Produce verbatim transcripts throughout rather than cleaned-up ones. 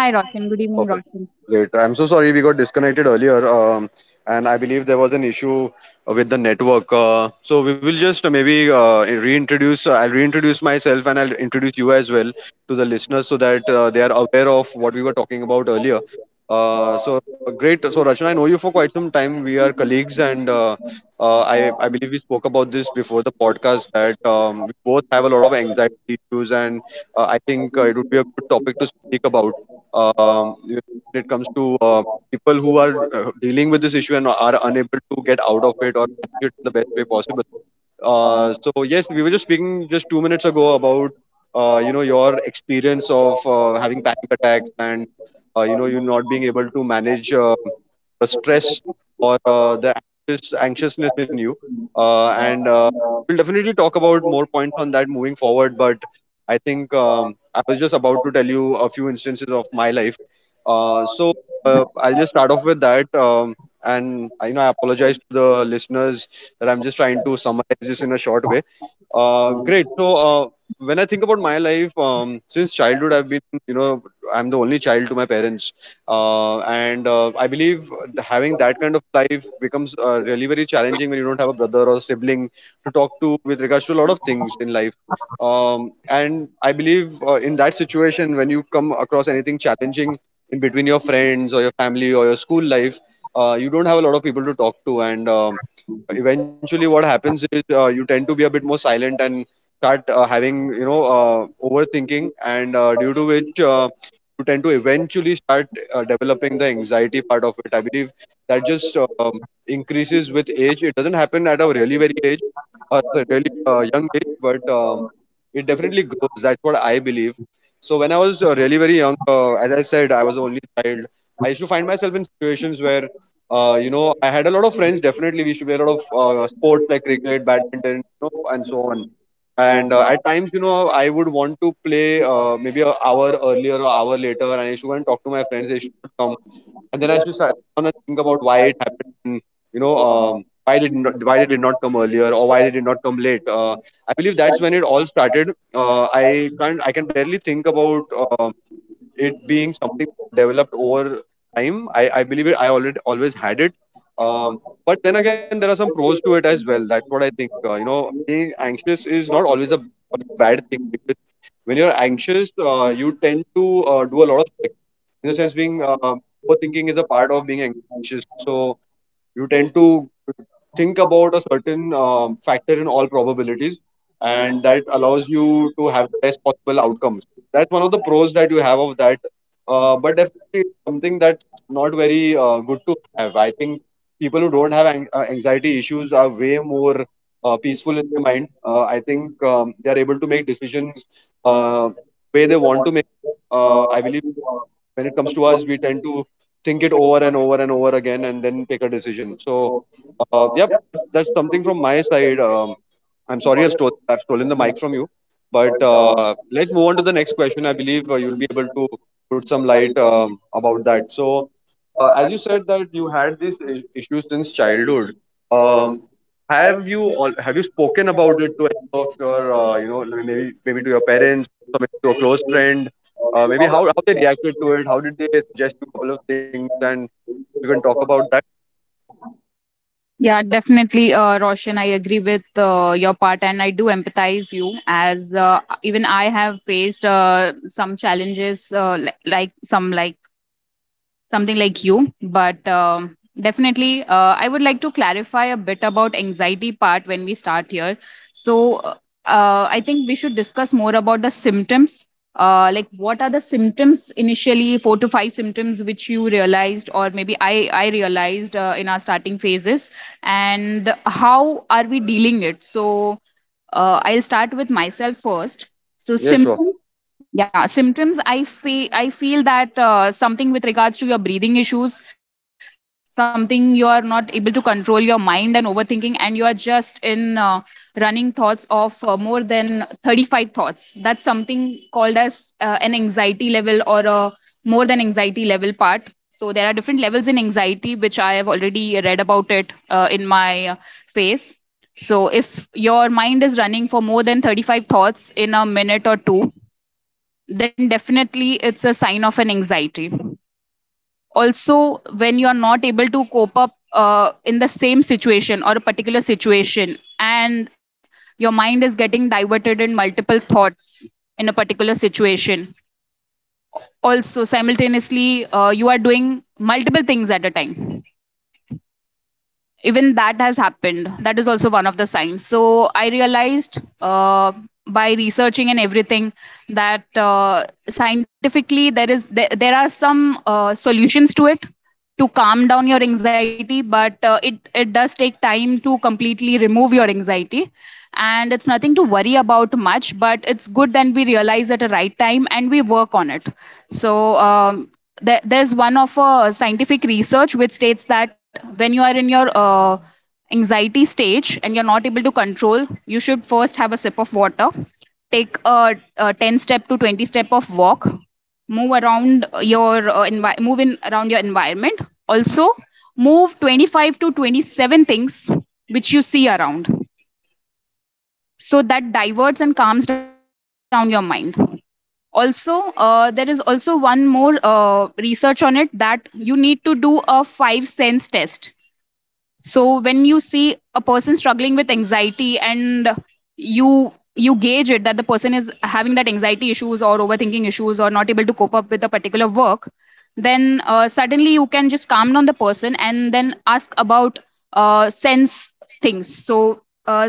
Yeah, hi Roshan. Good Perfect. evening, Roshan. Great. I'm so sorry we got disconnected earlier, um, and I believe there was an issue uh, with the network. Uh, so we will just uh, maybe uh, reintroduce. Uh, I'll reintroduce myself and I'll introduce you as well to the listeners so that uh, they are aware of what we were talking about earlier. Uh, so uh, Great. So Rachna, I know you for quite some time. We are colleagues, and uh, uh, I I believe we spoke about this before the podcast that um, we both have a lot of anxiety issues, and uh, I think uh, it would be a good topic to speak about um, you know, when it comes to uh, people who are uh, dealing with this issue and are unable to get out of it or manage it in the best way possible. Uh, so yes, we were just speaking just two minutes ago about uh, you know your experience of uh, having panic attacks and uh, you know you not being able to manage uh, the stress or uh, the anxious, anxiousness in you. Uh, and uh, We'll definitely talk about more points on that moving forward. But I think um, I was just about to tell you a few instances of my life. Uh, so uh, I'll just start off with that. Um, and I- you know, I apologize to the listeners that I'm just trying to summarize this in a short way. Uh, great. So uh, when I think about my life, um, since childhood, I've been, you know, I'm the only child to my parents uh, and uh, I believe the- having that kind of life becomes uh, really very challenging when you don't have a brother or a sibling to talk to with regards to a lot of things in life, um, and I believe uh, in that situation when you come across anything challenging in between your friends or your family or your school life. Uh, you don't have a lot of people to talk to, and um, eventually what happens is uh, you tend to be a bit more silent and start uh, having you know uh, overthinking, and uh, due to which uh, you tend to eventually start uh, developing the anxiety part of it. I believe that just um, increases with age. It doesn't happen at a really very age, a really uh, young age, but uh, it definitely grows. That's what I believe. So when I was uh, really very young, uh, as I said, I was the only child. I used to find myself in situations where uh, you know I had a lot of friends. Definitely, we used to play a lot of uh, sports like cricket, badminton, you know, and so on. And uh, at times, you know, I would want to play uh, maybe an hour earlier or hour later, and I used to go and talk to my friends they should come, and then I should start to think about why it happened. And, you know, um, why did not, why did it not come earlier, or why did it not come late? Uh, I believe that's when it all started. Uh, I can't I can barely think about um it being something developed over time. I, I believe it. I already always had it. Um, but then again, there are some pros to it as well. That's what I think. Uh, you know, being anxious is not always a bad thing. Because when you're anxious, uh, you tend to uh, do a lot of in the sense being um, overthinking is a part of being anxious, so you tend to think about a certain um, factor in all probabilities, and that allows you to have the best possible outcomes. That's one of the pros that you have of that. Uh, but definitely something that's not very uh, good to have. I think people who don't have an- uh, anxiety issues are way more uh, peaceful in the mind. uh, I think um, they are able to make decisions uh, way they want to make. uh, I believe when it comes to us, we tend to think it over and over and over again and then take a decision. So uh, yep, that's something from my side. um, I'm sorry, I've, stole, I've stolen the mic from you, but uh, let's move on to the next question. I believe uh, you'll be able to put some light um, about that. So uh, as you said that you had these i- issues since childhood, um, have you all have you spoken about it to any of your uh, you know like maybe maybe to your parents or maybe to a close friend? Uh, maybe how how they reacted to it? How did they suggest you a couple of things? And you can talk about that. Yeah, definitely, uh, Roshan. I agree with uh, your part, and I do empathize you as uh, even I have faced uh, some challenges, uh, li- like some like something like you but um, definitely uh, I would like to clarify a bit about anxiety part when we start here. So uh, uh, I think we should discuss more about the symptoms, uh, like what are the symptoms initially, four to five symptoms which you realized, or maybe i i realized uh, in our starting phases and how are we dealing it. So uh, I'll start with myself first. So Yeah, sure. symptoms, yeah, symptoms. I feel I feel that uh, something with regards to your breathing issues, something you are not able to control your mind and overthinking, and you are just in uh, running thoughts of uh, more than thirty-five thoughts. That's something called as uh, an anxiety level or a more than anxiety level part. So there are different levels in anxiety, which I have already read about it uh, in my uh, phase. So if your mind is running for more than thirty-five thoughts in a minute or two, then definitely it's a sign of an anxiety. Also, when you're not able to cope up uh, in the same situation or a particular situation, and your mind is getting diverted in multiple thoughts in a particular situation, also simultaneously, uh, you are doing multiple things at a time, even that has happened, that is also one of the signs. So I realized uh, by researching and everything that uh, scientifically there is there, there are some uh, solutions to it to calm down your anxiety, but uh, it it does take time to completely remove your anxiety, and it's nothing to worry about much, but it's good then we realize at a right time and we work on it. So um, there, there's one of a scientific research which states that when you are in your uh, anxiety stage and you're not able to control, you should first have a sip of water, take a, a ten step to twenty step of walk, move around your uh, envi- move in around your environment. Also move twenty-five to twenty-seven things which you see around, so that diverts and calms down your mind. Also uh, there is also one more uh, research on it that you need to do a five sense test. So when you see a person struggling with anxiety and you you gauge it that the person is having that anxiety issues or overthinking issues or not able to cope up with a particular work, then uh, suddenly you can just calm down the person and then ask about uh, sense things. So uh,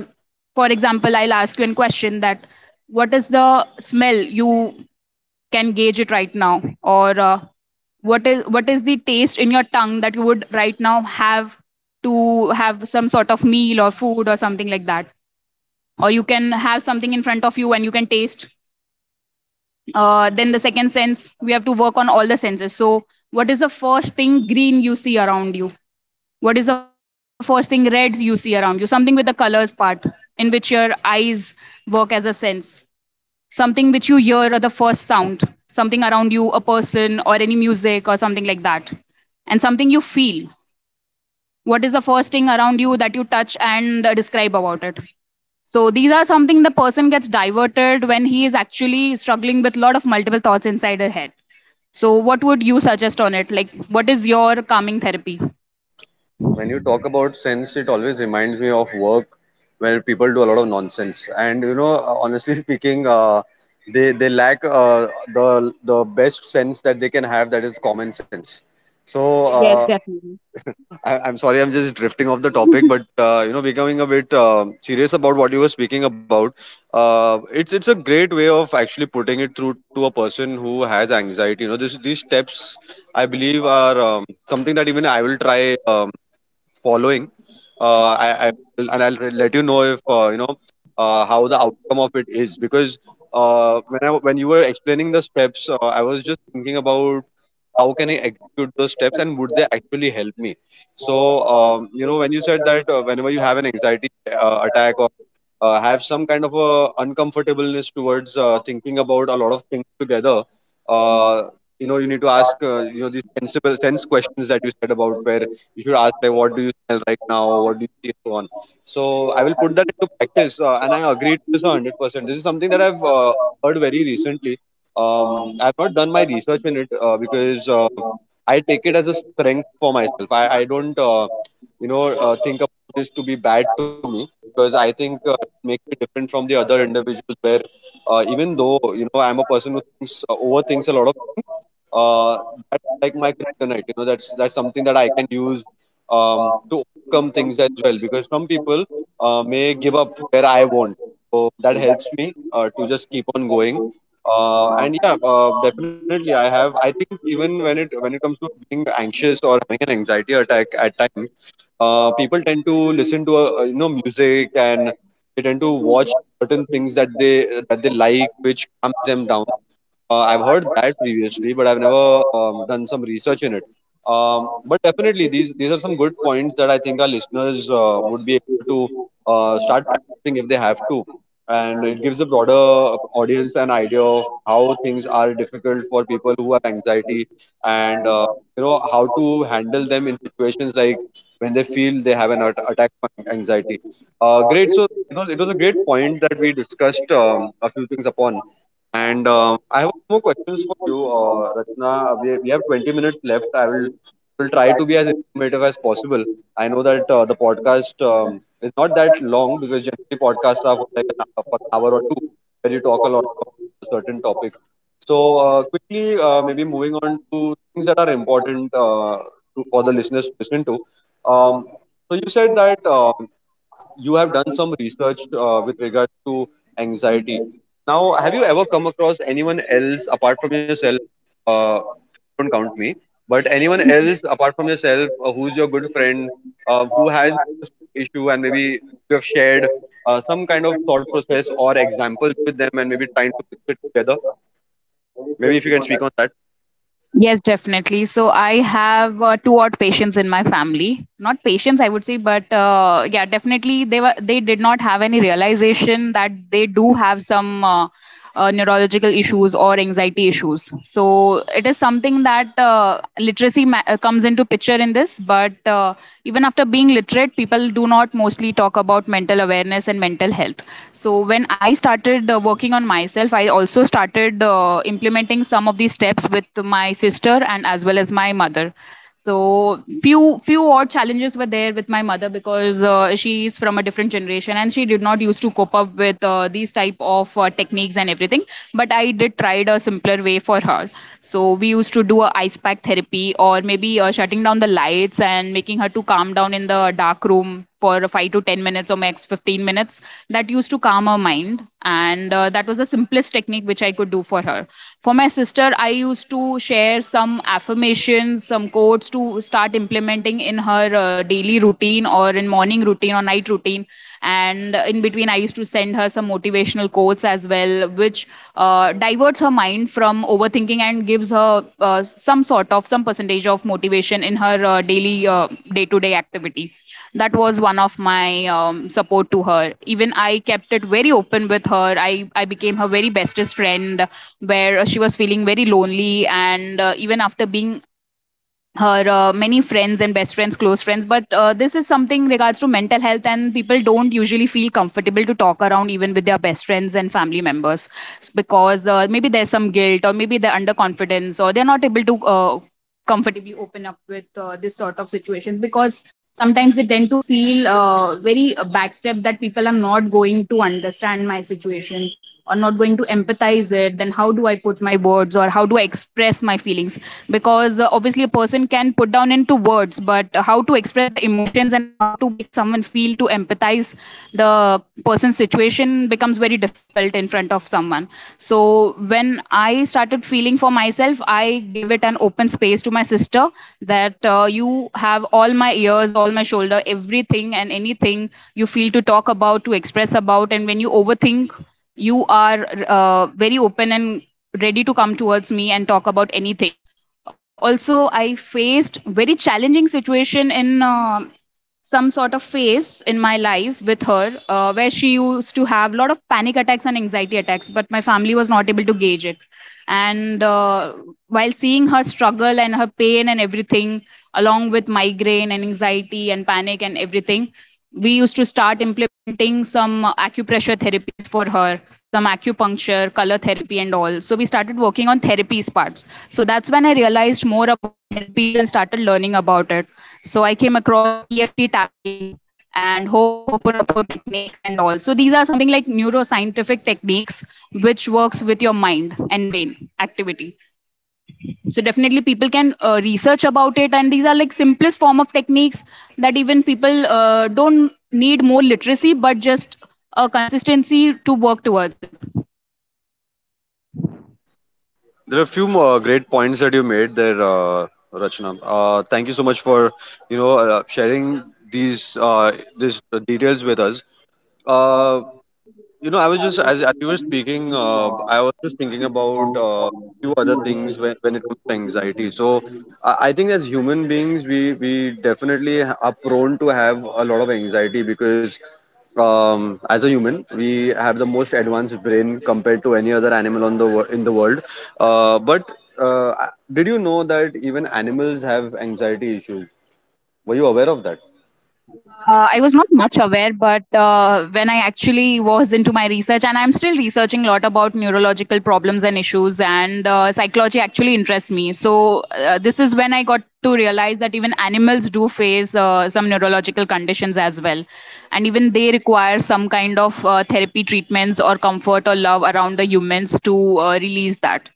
for example, I'll ask you a question that what is the smell you can gauge it right now, or uh, what is what is the taste in your tongue that you would right now have, to have some sort of meal or food or something like that, or you can have something in front of you and you can taste. Uh, Then the second sense, we have to work on all the senses. So what is the first thing green you see around you, what is the first thing red you see around you, something with the colors part in which your eyes work as a sense, something which you hear at the first sound, something around you, a person or any music or something like that, and something you feel, what is the first thing around you that you touch and uh, describe about it. So these are something the person gets diverted when he is actually struggling with a lot of multiple thoughts inside her head. So what would you suggest on it, like what is your calming therapy? When you talk about sense, it always reminds me of work where people do a lot of nonsense. And you know, honestly speaking, uh, they they lack uh, the the best sense that they can have, that is common sense. So uh, Definitely. I, I'm sorry, I'm just drifting off the topic, but uh, you know, becoming a bit um serious about what you were speaking about. Uh, it's it's a great way of actually putting it through to a person who has anxiety. You know, this these steps I believe are um, something that even I will try um, following. Uh, I, I will, and I'll re- let you know if uh, you know uh, how the outcome of it is. Because uh, when I when you were explaining the steps, uh, I was just thinking about how can I execute those steps, and would they actually help me? So um, you know, when you said that uh, whenever you have an anxiety uh, attack or uh, have some kind of a uncomfortableness towards uh, thinking about a lot of things together, uh, you know, you need to ask uh, you know, these sensible sense questions that you said about, where you should ask like, what do you smell right now, what do you see, and so on. So I will put that into practice, uh, and I agree to this one hundred percent. This is something that I've uh, heard very recently. um, I've not done my research in it, uh, because uh, I take it as a strength for myself. i, I don't uh, you know uh, think about this to be bad to me, because I think uh, makes me different from the other individuals where uh, even though you know, I'm a person who thinks uh, overthinks a lot of uh, that's like my kryptonite, you know, that's that's something that I can use um, to overcome things as well, because some people uh, may give up where I won't. So that helps me uh, to just keep on going. Uh, and yeah, uh, definitely i have I think, even when it when it comes to being anxious or having an anxiety attack, at times uh, people tend to listen to uh, uh, you know, music, and they tend to watch certain things that they that they like, which calms them down. uh, I've heard that previously, but I've never um, done some research in it. Um, but definitely, these these are some good points that I think our listeners uh, would be able to uh, start practicing if they have to, and it gives the broader audience an idea of how things are difficult for people who have anxiety, and uh, you know, how to handle them in situations like when they feel they have an at- attack of anxiety. Uh, great. So it was it was a great point that we discussed um, a few things upon. And um, I have more questions for you, uh, Ratna. Uh, We, we have twenty minutes left. I will will try to be as informative as possible. I know that uh, the podcast um, is not that long, because generally podcasts are for like an hour, for an hour or two, where you talk a lot about a certain topic. So uh, quickly, uh, maybe moving on to things that are important uh, to, for the listeners to listen to. Um, so you said that um, you have done some research uh, with regard to anxiety. Now, have you ever come across anyone else apart from yourself? Uh, don't count me, but anyone else apart from yourself uh, who's your good friend uh, who has this issue, and maybe you have shared uh, some kind of thought process or examples with them, and maybe trying to fix it together. Maybe if you can speak on that. Yes, definitely. So I have uh, two odd patients in my family. Not patients, I would say, but uh, yeah, definitely they were they did not have any realization that they do have some uh, uh, neurological issues or anxiety issues. So it is something that uh, literacy ma- uh, comes into picture in this. But uh, even after being literate, people do not mostly talk about mental awareness and mental health. So when I started uh, working on myself, I also started uh, implementing some of these steps with my sister and as well as my mother. So few few odd challenges were there with my mother, because uh, she is from a different generation and she did not used to cope up with uh, these type of uh, techniques and everything. But I did tried a simpler way for her. So we used to do a ice pack therapy, or maybe uh, shutting down the lights and making her to calm down in the dark room for five to ten minutes or max fifteen minutes. That used to calm her mind, and uh, that was the simplest technique which I could do for her. For my sister, I used to share some affirmations, some quotes to start implementing in her uh, daily routine or in morning routine or night routine. And in between I used to send her some motivational quotes as well, which uh, diverts her mind from overthinking and gives her uh, some sort of some percentage of motivation in her uh, daily day to day activity. That was one of my um, support to her. Even I kept it very open with her. I i became her very bestest friend, where she was feeling very lonely, and uh, even after being her uh, many friends and best friends, close friends, but uh, this is something regards to mental health, and people don't usually feel comfortable to talk around even with their best friends and family members. S- because uh, maybe there's some guilt, or maybe they're under confidence, or they're not able to uh, comfortably open up with uh, this sort of situations, because sometimes they tend to feel uh, very backstep that people are not going to understand my situation or not going to empathize it, then how do I put my words, or how do I express my feelings? Because uh, obviously a person can put down into words, but how to express the emotions and how to make someone feel to empathize the person's situation becomes very difficult in front of someone. So when I started feeling for myself, I gave it an open space to my sister, that uh, you have all my ears, all my shoulder, everything and anything you feel to talk about, to express about. And when you overthink, you are uh, very open and ready to come towards me and talk about anything. Uh, Also, I faced very challenging situation in uh, some sort of phase in my life with her, uh, where she used to have a lot of panic attacks and anxiety attacks, but my family was not able to gauge it. And uh, while seeing her struggle and her pain and everything, along with migraine and anxiety and panic and everything, we used to start implementing some uh, acupressure therapies for her, some acupuncture, color therapy and all. So we started working on therapies parts. So that's when I realized more about therapies and started learning about it. So I came across E F T tapping and Ho- Hoponopo techniques and all. So these are something like neuroscientific techniques which works with your mind and brain activity. So definitely people can uh, research about it, and these are like simplest form of techniques that even people uh, don't need more literacy, but just a consistency to work towards it. There are a few more great points that you made there, uh, Rachna. Uh, thank you so much for you know uh, sharing these uh, these details with us. Uh, you know, I was just as, as you were speaking, uh, I was just thinking about uh, few other things when, when it comes to anxiety. So I, I think as human beings, we we definitely are prone to have a lot of anxiety because um, as a human, we have the most advanced brain compared to any other animal on the wor- in the world. Uh, but uh, did you know that even animals have anxiety issues? Were you aware of that? Uh, I was not much aware, but uh, when I actually was into my research, and I'm still researching a lot about neurological problems and issues, and uh, psychology actually interests me. So uh, this is when I got to realize that even animals do face uh, some neurological conditions as well. And even they require some kind of uh, therapy treatments or comfort or love around the humans to uh, release that.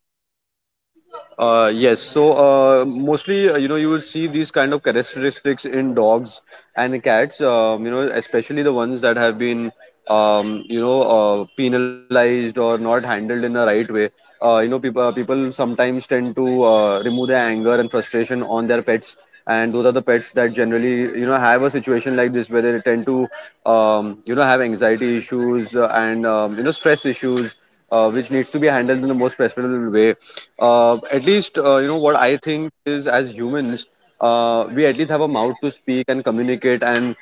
Uh, yes. So uh, mostly, uh, you know, you will see these kind of characteristics in dogs and cats. Um, you know, especially the ones that have been, um, you know, uh, penalized or not handled in the right way. Uh, you know, people people sometimes tend to uh, remove their anger and frustration on their pets, and those are the pets that generally, you know, have a situation like this where they tend to, um, you know, have anxiety issues uh, and um, you know stress issues, uh, which needs to be handled in the most preferable way uh, at least uh, you know what I think is as humans uh, we at least have a mouth to speak and communicate and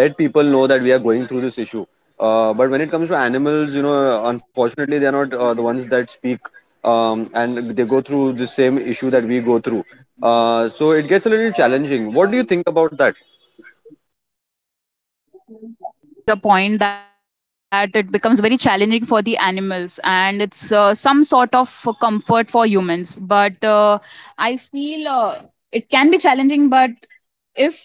let people know that we are going through this issue uh, but when it comes to animals you know unfortunately they are not uh, the ones that speak um, and they go through the same issue that we go through uh, so it gets a little challenging. What do you think about that? Obviously, I do agree with your point that it becomes very challenging for the animals and it's uh, some sort of comfort for humans, but uh, I feel uh, it can be challenging, but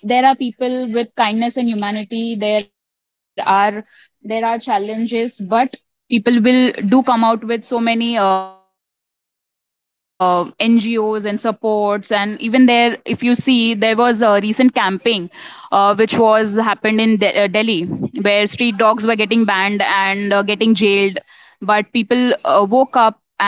if there are people with kindness and humanity, there are there are challenges, but people will do come out with so many uh, NGOs and supports. And even there, if you see, there was a recent camping uh, which was happened in De- uh, delhi, where street dogs were getting banned and uh, getting jailed. But people uh, woke up and uh,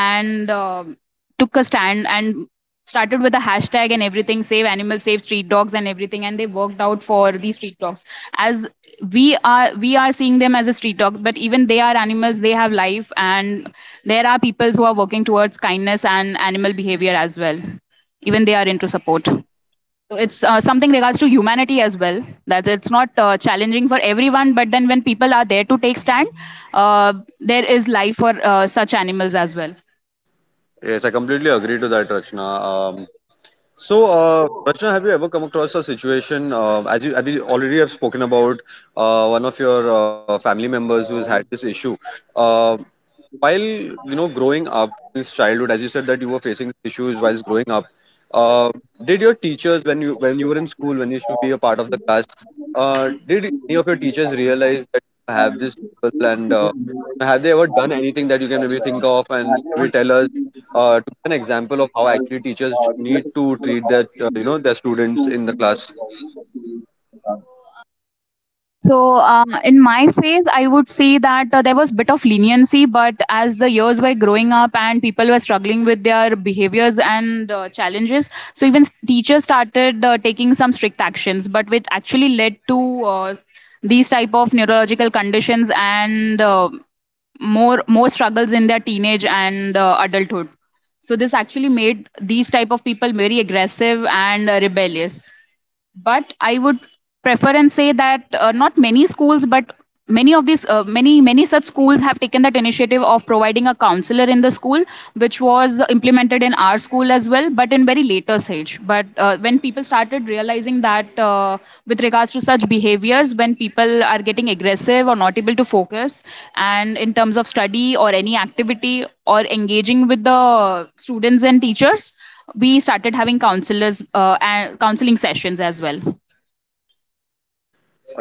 took a stand and started with the hashtag and everything, save animals, save street dogs and everything, and they worked out for these street dogs. As we are we are seeing them as a street dog, but even they are animals, they have life. And there are people who are working towards kindness and animal behavior as well. Even they are into support. So it's uh, something regards to humanity as well, that it's not uh, challenging for everyone, but then when people are there to take stand, uh, there is life for uh, such animals as well. Yes, I completely agree to that, Rakshana. Um, so, uh, Rachna, have you ever come across a situation, uh, as you as we already have spoken about, uh, one of your uh, family members who has had this issue? Uh, while you know growing up since childhood as you said that you were facing issues whilst growing up uh, did your teachers when you when you were in school when you used to be a part of the class uh, did any of your teachers realize that you have this struggle and uh, have they ever done anything that you can maybe think of and maybe tell us uh, to give an example of how actually teachers need to treat their uh, you know their students in the class? So, uh, in my phase, I would say that uh, there was bit of leniency, but as the years were growing up and people were struggling with their behaviors and uh, challenges, so even s- teachers started uh, taking some strict actions, but which actually led to uh, these type of neurological conditions and uh, more more struggles in their teenage and uh, adulthood. So this actually made these type of people very aggressive and uh, rebellious. But I would prefer and say that uh, not many schools, but many of these uh, many many such schools have taken that initiative of providing a counselor in the school, which was implemented in our school as well, but in very later stage. But uh, when people started realizing that uh, with regards to such behaviors, when people are getting aggressive or not able to focus and in terms of study or any activity or engaging with the students and teachers, we started having counselors uh, and counseling sessions as well.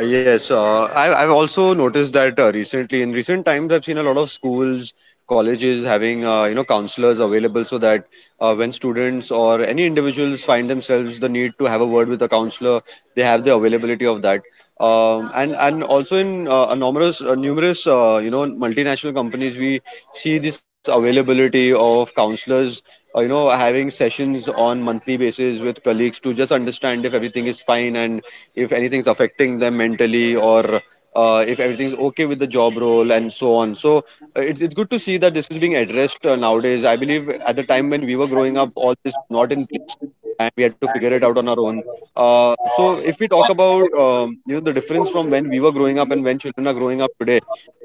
Uh, Yes, uh, I, I've also noticed that uh, recently, in recent times, I've seen a lot of schools, colleges having uh, you know counselors available, so that uh, when students or any individuals find themselves the need to have a word with a counselor, they have the availability of that. Um, and and also in uh, a numerous uh, numerous uh, you know multinational companies, we see this availability of counselors. Uh, you know, having sessions on monthly basis with colleagues to just understand if everything is fine and if anything's affecting them mentally, or uh, if everything's okay with the job role and so on. So uh, it's it's good to see that this is being addressed uh, nowadays. I believe at the time when we were growing up, all this was not in place, and we had to figure it out on our own. Uh, so if we talk about um, you know the difference from when we were growing up and when children are growing up today,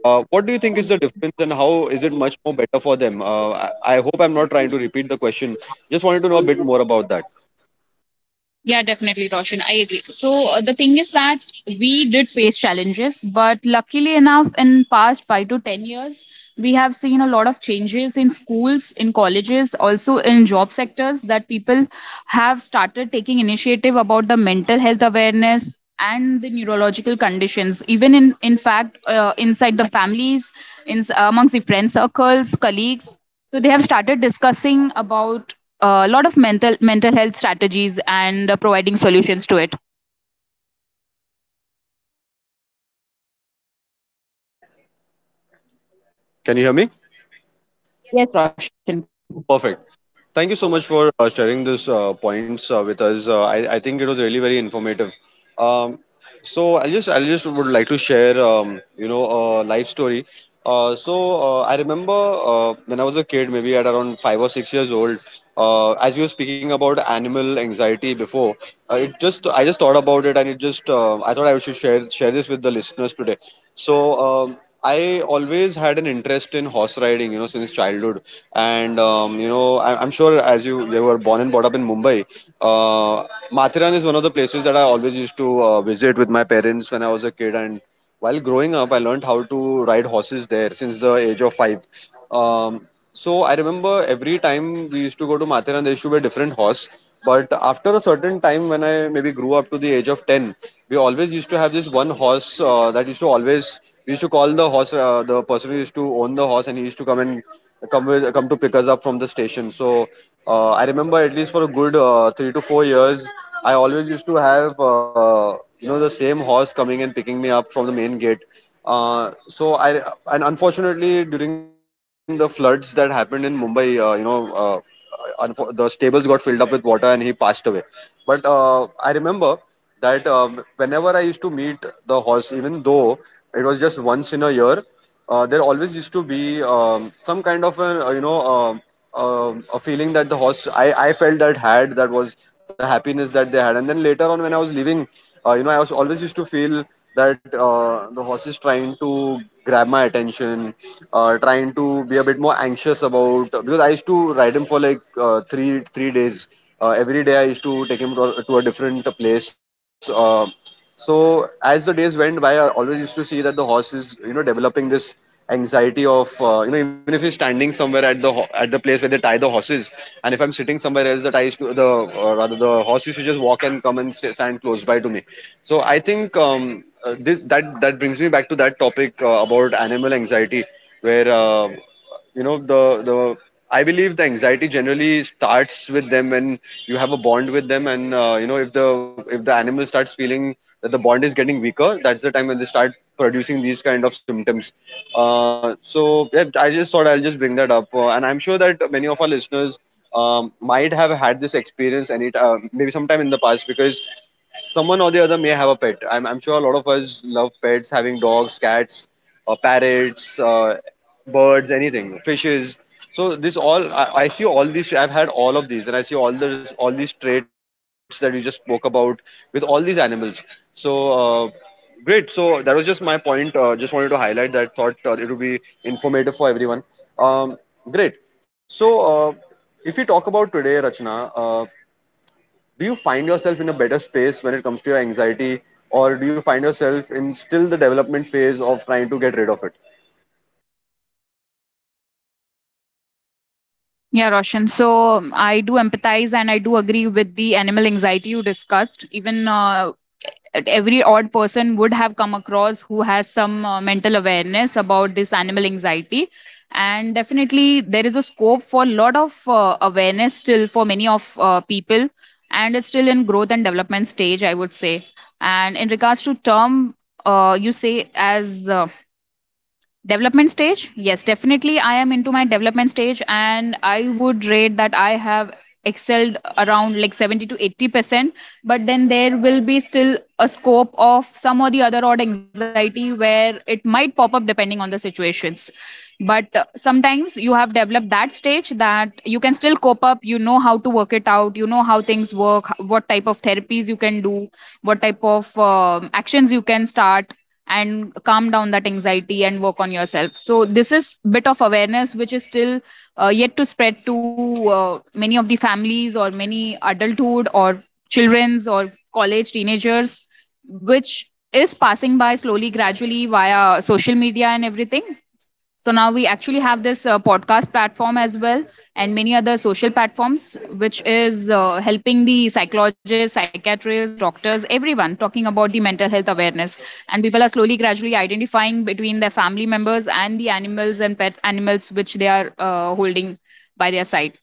uh, what do you think is the difference and how is it much more better for them? Uh, I, I hope I'm not trying to repeat the question. Just wanted to know a bit more about that. Yeah, definitely, Roshan. I agree. So uh, the thing is that we did face challenges, but luckily enough, in past five to ten years, we have seen a lot of changes in schools, in colleges, also in job sectors, that people have started taking initiative about the mental health awareness and the neurological conditions. Even in, in fact, uh, inside the families, in amongst the friend circles, colleagues. So they have started discussing about a lot of mental mental health strategies and uh, providing solutions to it. Can you hear me? Yes, Roshan. Perfect. Thank you so much for uh, sharing those uh, points uh, with us. Uh, I, I think it was really very informative. Um, so I just I just would like to share um, you know a life story. Uh, so uh, I remember uh, when I was a kid, maybe at around five or six years old. Uh, as you were speaking about animal anxiety before, uh, it just I just thought about it, and it just uh, I thought I should share share this with the listeners today. So um, I always had an interest in horse riding, you know, since childhood, and um, you know I, i'm sure as you you were born and brought up in Mumbai. uh, Mathiran is one of the places that I always used to uh, visit with my parents when I was a kid, and while growing up I learned how to ride horses there since the age of five. Um, so I remember every time we used to go to Mathiran there used to be a different horse, but after a certain time when I maybe grew up to the age of ten, we always used to have this one horse uh, that used to always we used to call the horse uh, the person who used to own the horse, and he used to come and come with, come to pick us up from the station. So uh, I remember at least for a good uh, three to four years, I always used to have uh, you know the same horse coming and picking me up from the main gate. Uh, so I and unfortunately during the floods that happened in Mumbai, uh, you know. Uh, unfo- the stables got filled up with water and he passed away. But uh, I remember that um, whenever I used to meet the horse, even though it was just once in a year, uh, there always used to be um, some kind of a uh, you know um um a feeling that the horse I, I felt that had that was the happiness that they had. And then later on when I was leaving, uh, you know I was always used to feel that uh, the horse is trying to grab my attention, uh, trying to be a bit more anxious about, because I used to ride him for like uh, three three days. Uh, every day I used to take him to a, to a different place. Uh, so as the days went by I always used to see that the horse is you know developing this anxiety of, uh, you know even if you're standing somewhere at the ho- at the place where they tie the horses, and if I'm sitting somewhere else, the ties to the uh, rather the horse used to just walk and come and st- stand close by to me. So I think um, uh, this that that brings me back to that topic uh, about animal anxiety, where uh, you know the the I believe the anxiety generally starts with them when you have a bond with them, and uh, you know if the if the animal starts feeling that the bond is getting weaker, that's the time when they start producing these kind of symptoms. Uh, so yeah, I just thought I'll just bring that up, uh, and I'm sure that many of our listeners um, might have had this experience any t- uh, maybe sometime in the past, because someone or the other may have a pet. I'm, I'm sure a lot of us love pets, having dogs, cats, uh, parrots, uh, birds, anything, fishes. So this all I, I see all these. I've had all of these, and I see all this all these traits that you just spoke about with all these animals. So. Uh, Great. So that was just my point. Uh, just wanted to highlight that. Thought uh, it would be informative for everyone. Um, Great. So uh, if we talk about today, Rachna, uh, do you find yourself in a better space when it comes to your anxiety, or do you find yourself in still the development phase of trying to get rid of it? Yeah, Roshan. So, um, I do empathize and I do agree with the animal anxiety you discussed. Even uh, every odd person would have come across who has some uh, mental awareness about this animal anxiety. And definitely, there is a scope for a lot of uh, awareness still for many of uh, people, and it's still in growth and development stage, I would say. And in regards to term, uh, you say as, uh, development stage? Yes, definitely. I am into my development stage, and I would rate that I have excelled around like seventy to eighty percent. But then there will be still a scope of some or the other odd anxiety where it might pop up depending on the situations. But uh, sometimes you have developed that stage that you can still cope up. You know how to work it out, you know how things work, h- what type of therapies you can do, what type of um actions you can start and calm down that anxiety and work on yourself. So this is bit of awareness which is still uh, yet to spread to uh, many of the families or many adulthood or children's or college teenagers, which is passing by slowly, gradually, via social media and everything. So now we actually have this uh, podcast platform as well, and many other social platforms, which is uh, helping the psychologists, psychiatrists, doctors, everyone talking about the mental health awareness. And people are slowly, gradually identifying between their family members and the animals and pet animals which they are uh, holding by their side.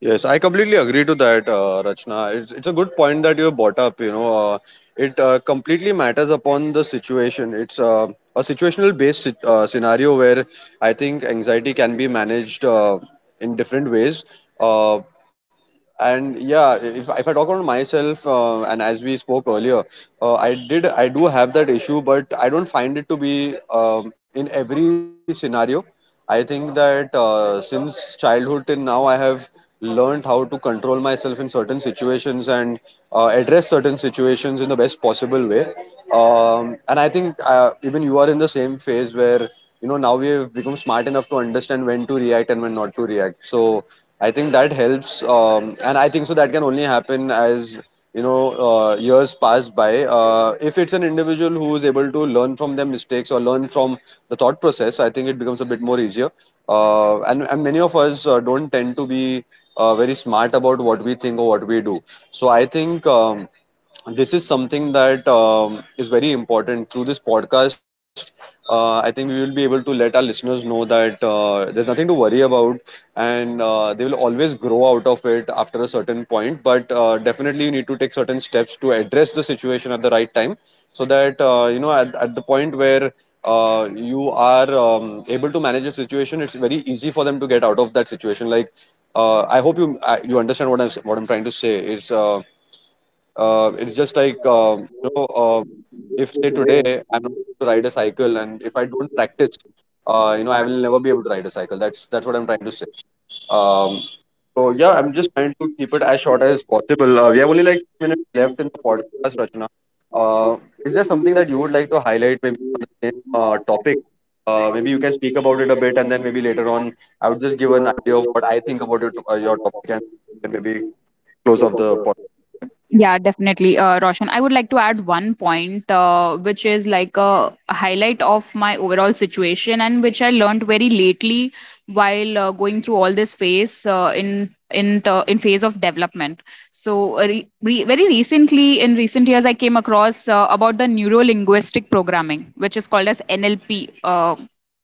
Yes, I completely agree to that, uh, Rachna. It's it's a good point that you have brought up. You know, uh, it uh, completely matters upon the situation. It's uh, a situational based uh, scenario where I think anxiety can be managed uh, in different ways. Uh, and yeah, if, if I talk about myself uh, and as we spoke earlier, uh, i did I do have that issue, but I don't find it to be um, in every scenario. I think that uh, since childhood till now, I have learned how to control myself in certain situations and uh, address certain situations in the best possible way. Um, and I think uh, even you are in the same phase where you know now we have become smart enough to understand when to react and when not to react. So I think that helps, um, and I think so that can only happen as you know uh, years pass by. Uh, if it's an individual who is able to learn from their mistakes or learn from the thought process, I think it becomes a bit more easier. Uh, and and many of us uh, don't tend to be uh, very smart about what we think or what we do. So I think. Um, this is something that um, is very important through this podcast. Uh, i think we will be able to let our listeners know that uh, there's nothing to worry about, and uh, they will always grow out of it after a certain point, but uh, definitely you need to take certain steps to address the situation at the right time, so that uh, you know at, at the point where uh, you are um, able to manage a situation, it's very easy for them to get out of that situation. like uh, I hope you I- you understand what i'm what I'm trying to say. It's uh, uh, it's just like um, you know uh, if say today I'm not able to ride a cycle, and if I don't practice, uh, you know I will never be able to ride a cycle. That's that's what I'm trying to say. um, so yeah, I'm just trying to keep it as short as possible. Uh, we have only like three minutes left in the podcast, Rachna. uh, is there something that you would like to highlight, maybe on the same uh, topic? Uh, maybe you can speak about it a bit, and then maybe later on I would just give an idea of what I think about your, to- uh, your topic, and then maybe close off the podcast. Yeah, definitely, uh, Roshan. I would like to add one point, uh, which is like a highlight of my overall situation, and which I learned very lately while uh, going through all this phase uh, in in t- in phase of development. So, uh, re- re- very recently, in recent years, I came across uh, about the neuro linguistic programming, which is called as N L P. Uh,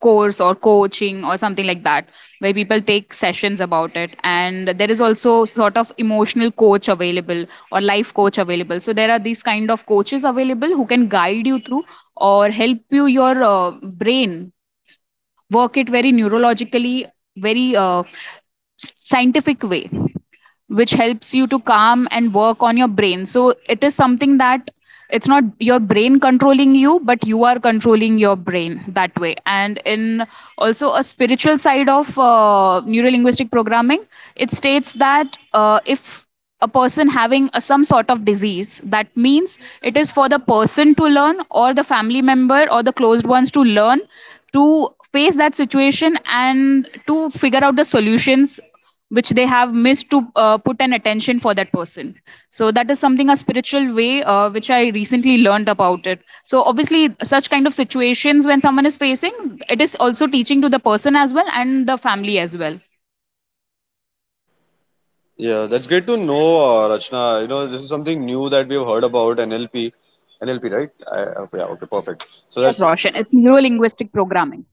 Course or coaching or something like that, where people take sessions about it, and there is also sort of emotional coach available or life coach available. So there are these kind of coaches available who can guide you through or help you your uh, brain work it very neurologically, very uh, scientific way, which helps you to calm and work on your brain. So it is something that it's not your brain controlling you, but you are controlling your brain that way. And in also a spiritual side of uh, linguistic programming, it states that uh, if a person having a, some sort of disease, that means it is for the person to learn, or the family member or the closed ones to learn to face that situation and to figure out the solutions which they have missed to uh, put an attention for that person. So that is something a spiritual way uh, which I recently learned about it. So obviously such kind of situations when someone is facing, it is also teaching to the person as well and the family as well. Yeah, that's great to know, uh, Rachna. You know, this is something new that we have heard about N L P. N L P, right? I, uh, yeah, okay, perfect. So Yes, that's Roshan, it's neuro linguistic programming.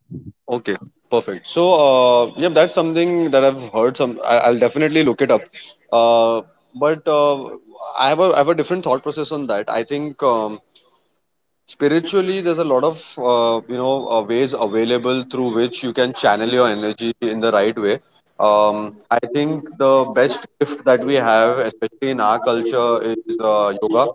okay, perfect. So, uh, yeah, that's something that I've heard. Some, I, I'll definitely look it up. Uh, but uh, I have a, I have a different thought process on that. I think um, spiritually there's a lot of uh, you know uh, ways available through which you can channel your energy in the right way. Um, i think the best gift that we have, especially in our culture, is uh, yoga,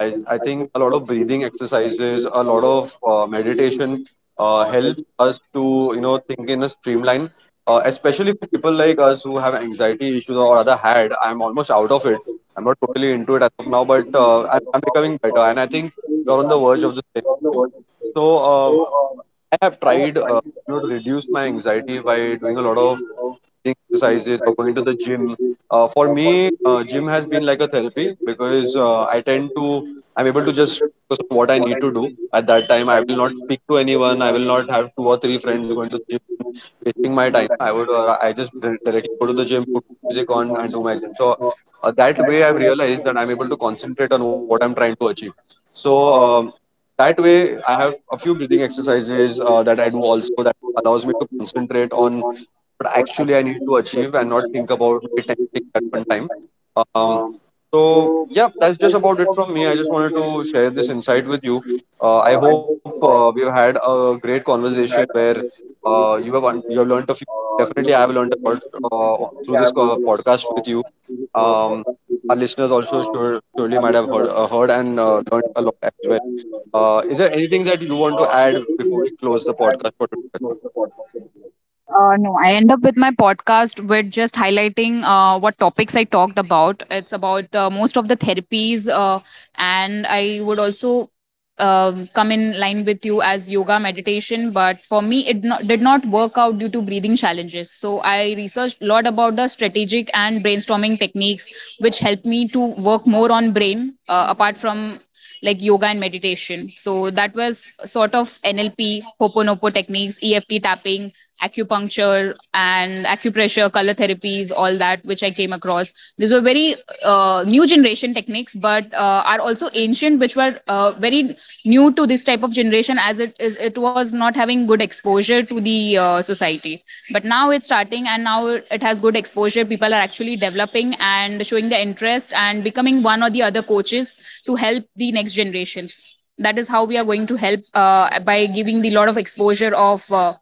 exercise. I think a lot of breathing exercises, a lot of uh, meditation uh, helps us to, you know, think in a streamline. Uh, especially for people like us who have anxiety issues, or rather had. I'm almost out of it. I'm not totally into it as of now, but uh, I'm, I'm becoming better, and I think you're on the verge of the same. So uh, I have tried, uh, you know to reduce my anxiety by doing a lot of exercises or going to the gym. Uh, for me, uh, gym has been like a therapy, because uh, I tend to, I'm able to just focus on what I need to do at that time. I will not speak to anyone. I will not have two or three friends going to the gym wasting my time. I would, uh, I just dir- directly go to the gym, put music on, and do my gym. So uh, that way, I've realized that I'm able to concentrate on what I'm trying to achieve. So um, that way, I have a few breathing exercises uh, that I do also that allows me to concentrate on what actually I need to achieve, and not think about maybe ten things at one time. Um, so yeah, that's just about it from me. I just wanted to share this insight with you. Uh, I hope uh, we've had a great conversation where uh, you have un- you have learned a few. Definitely, I have learned a lot uh, through this co- podcast with you. Um, our listeners also sure, surely might have heard, uh, heard and uh, learned a lot as well. Uh, is there anything that you want to add before we close the podcast for today? Uh, no, I end up with my podcast with just highlighting uh, what topics I talked about. It's about uh, most of the therapies, uh, and I would also, um, come in line with you as yoga meditation. But for me, it not, did not work out due to breathing challenges. So I researched a lot about the strategic and brainstorming techniques, which helped me to work more on brain uh, apart from like yoga and meditation. So that was sort of N L P, Hoponopo techniques, E F T tapping, acupuncture and acupressure, color therapies, all that which I came across. These were very uh, new generation techniques, but uh, are also ancient, which were uh, very new to this type of generation, as it is it was not having good exposure to the uh, society. But now it's starting, and now it has good exposure. People are actually developing and showing the interest and becoming one or the other coaches to help the next generations. That is how we are going to help uh, by giving the lot of exposure of uh,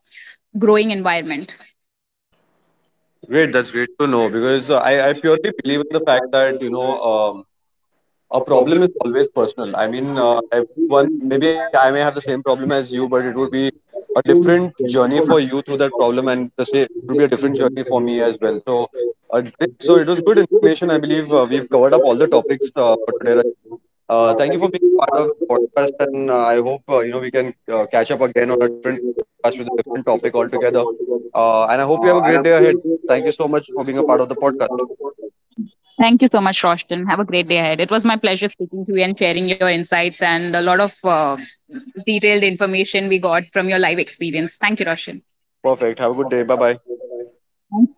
growing environment. Great, that's great to know, because uh, I, I purely believe in the fact that, you know, um, a problem is always personal. I mean, uh, everyone, maybe I may have the same problem as you, but it would be a different journey for you through that problem, and the same, it would be a different journey for me as well. So, uh, great. So it was good information. I believe uh, we've covered up all the topics uh, for today, Rachit. Uh, thank you for being part of the podcast, and uh, I hope, uh, you know, we can uh, catch up again on a different podcast with a different topic altogether. Uh, and I hope you have a great day ahead. Thank you so much for being a part of the podcast. Thank you so much, Roshton. Have a great day ahead. It was my pleasure speaking to you and sharing your insights and a lot of uh, detailed information we got from your live experience. Thank you, Roshton. Perfect. Have a good day. Bye bye. Thank you.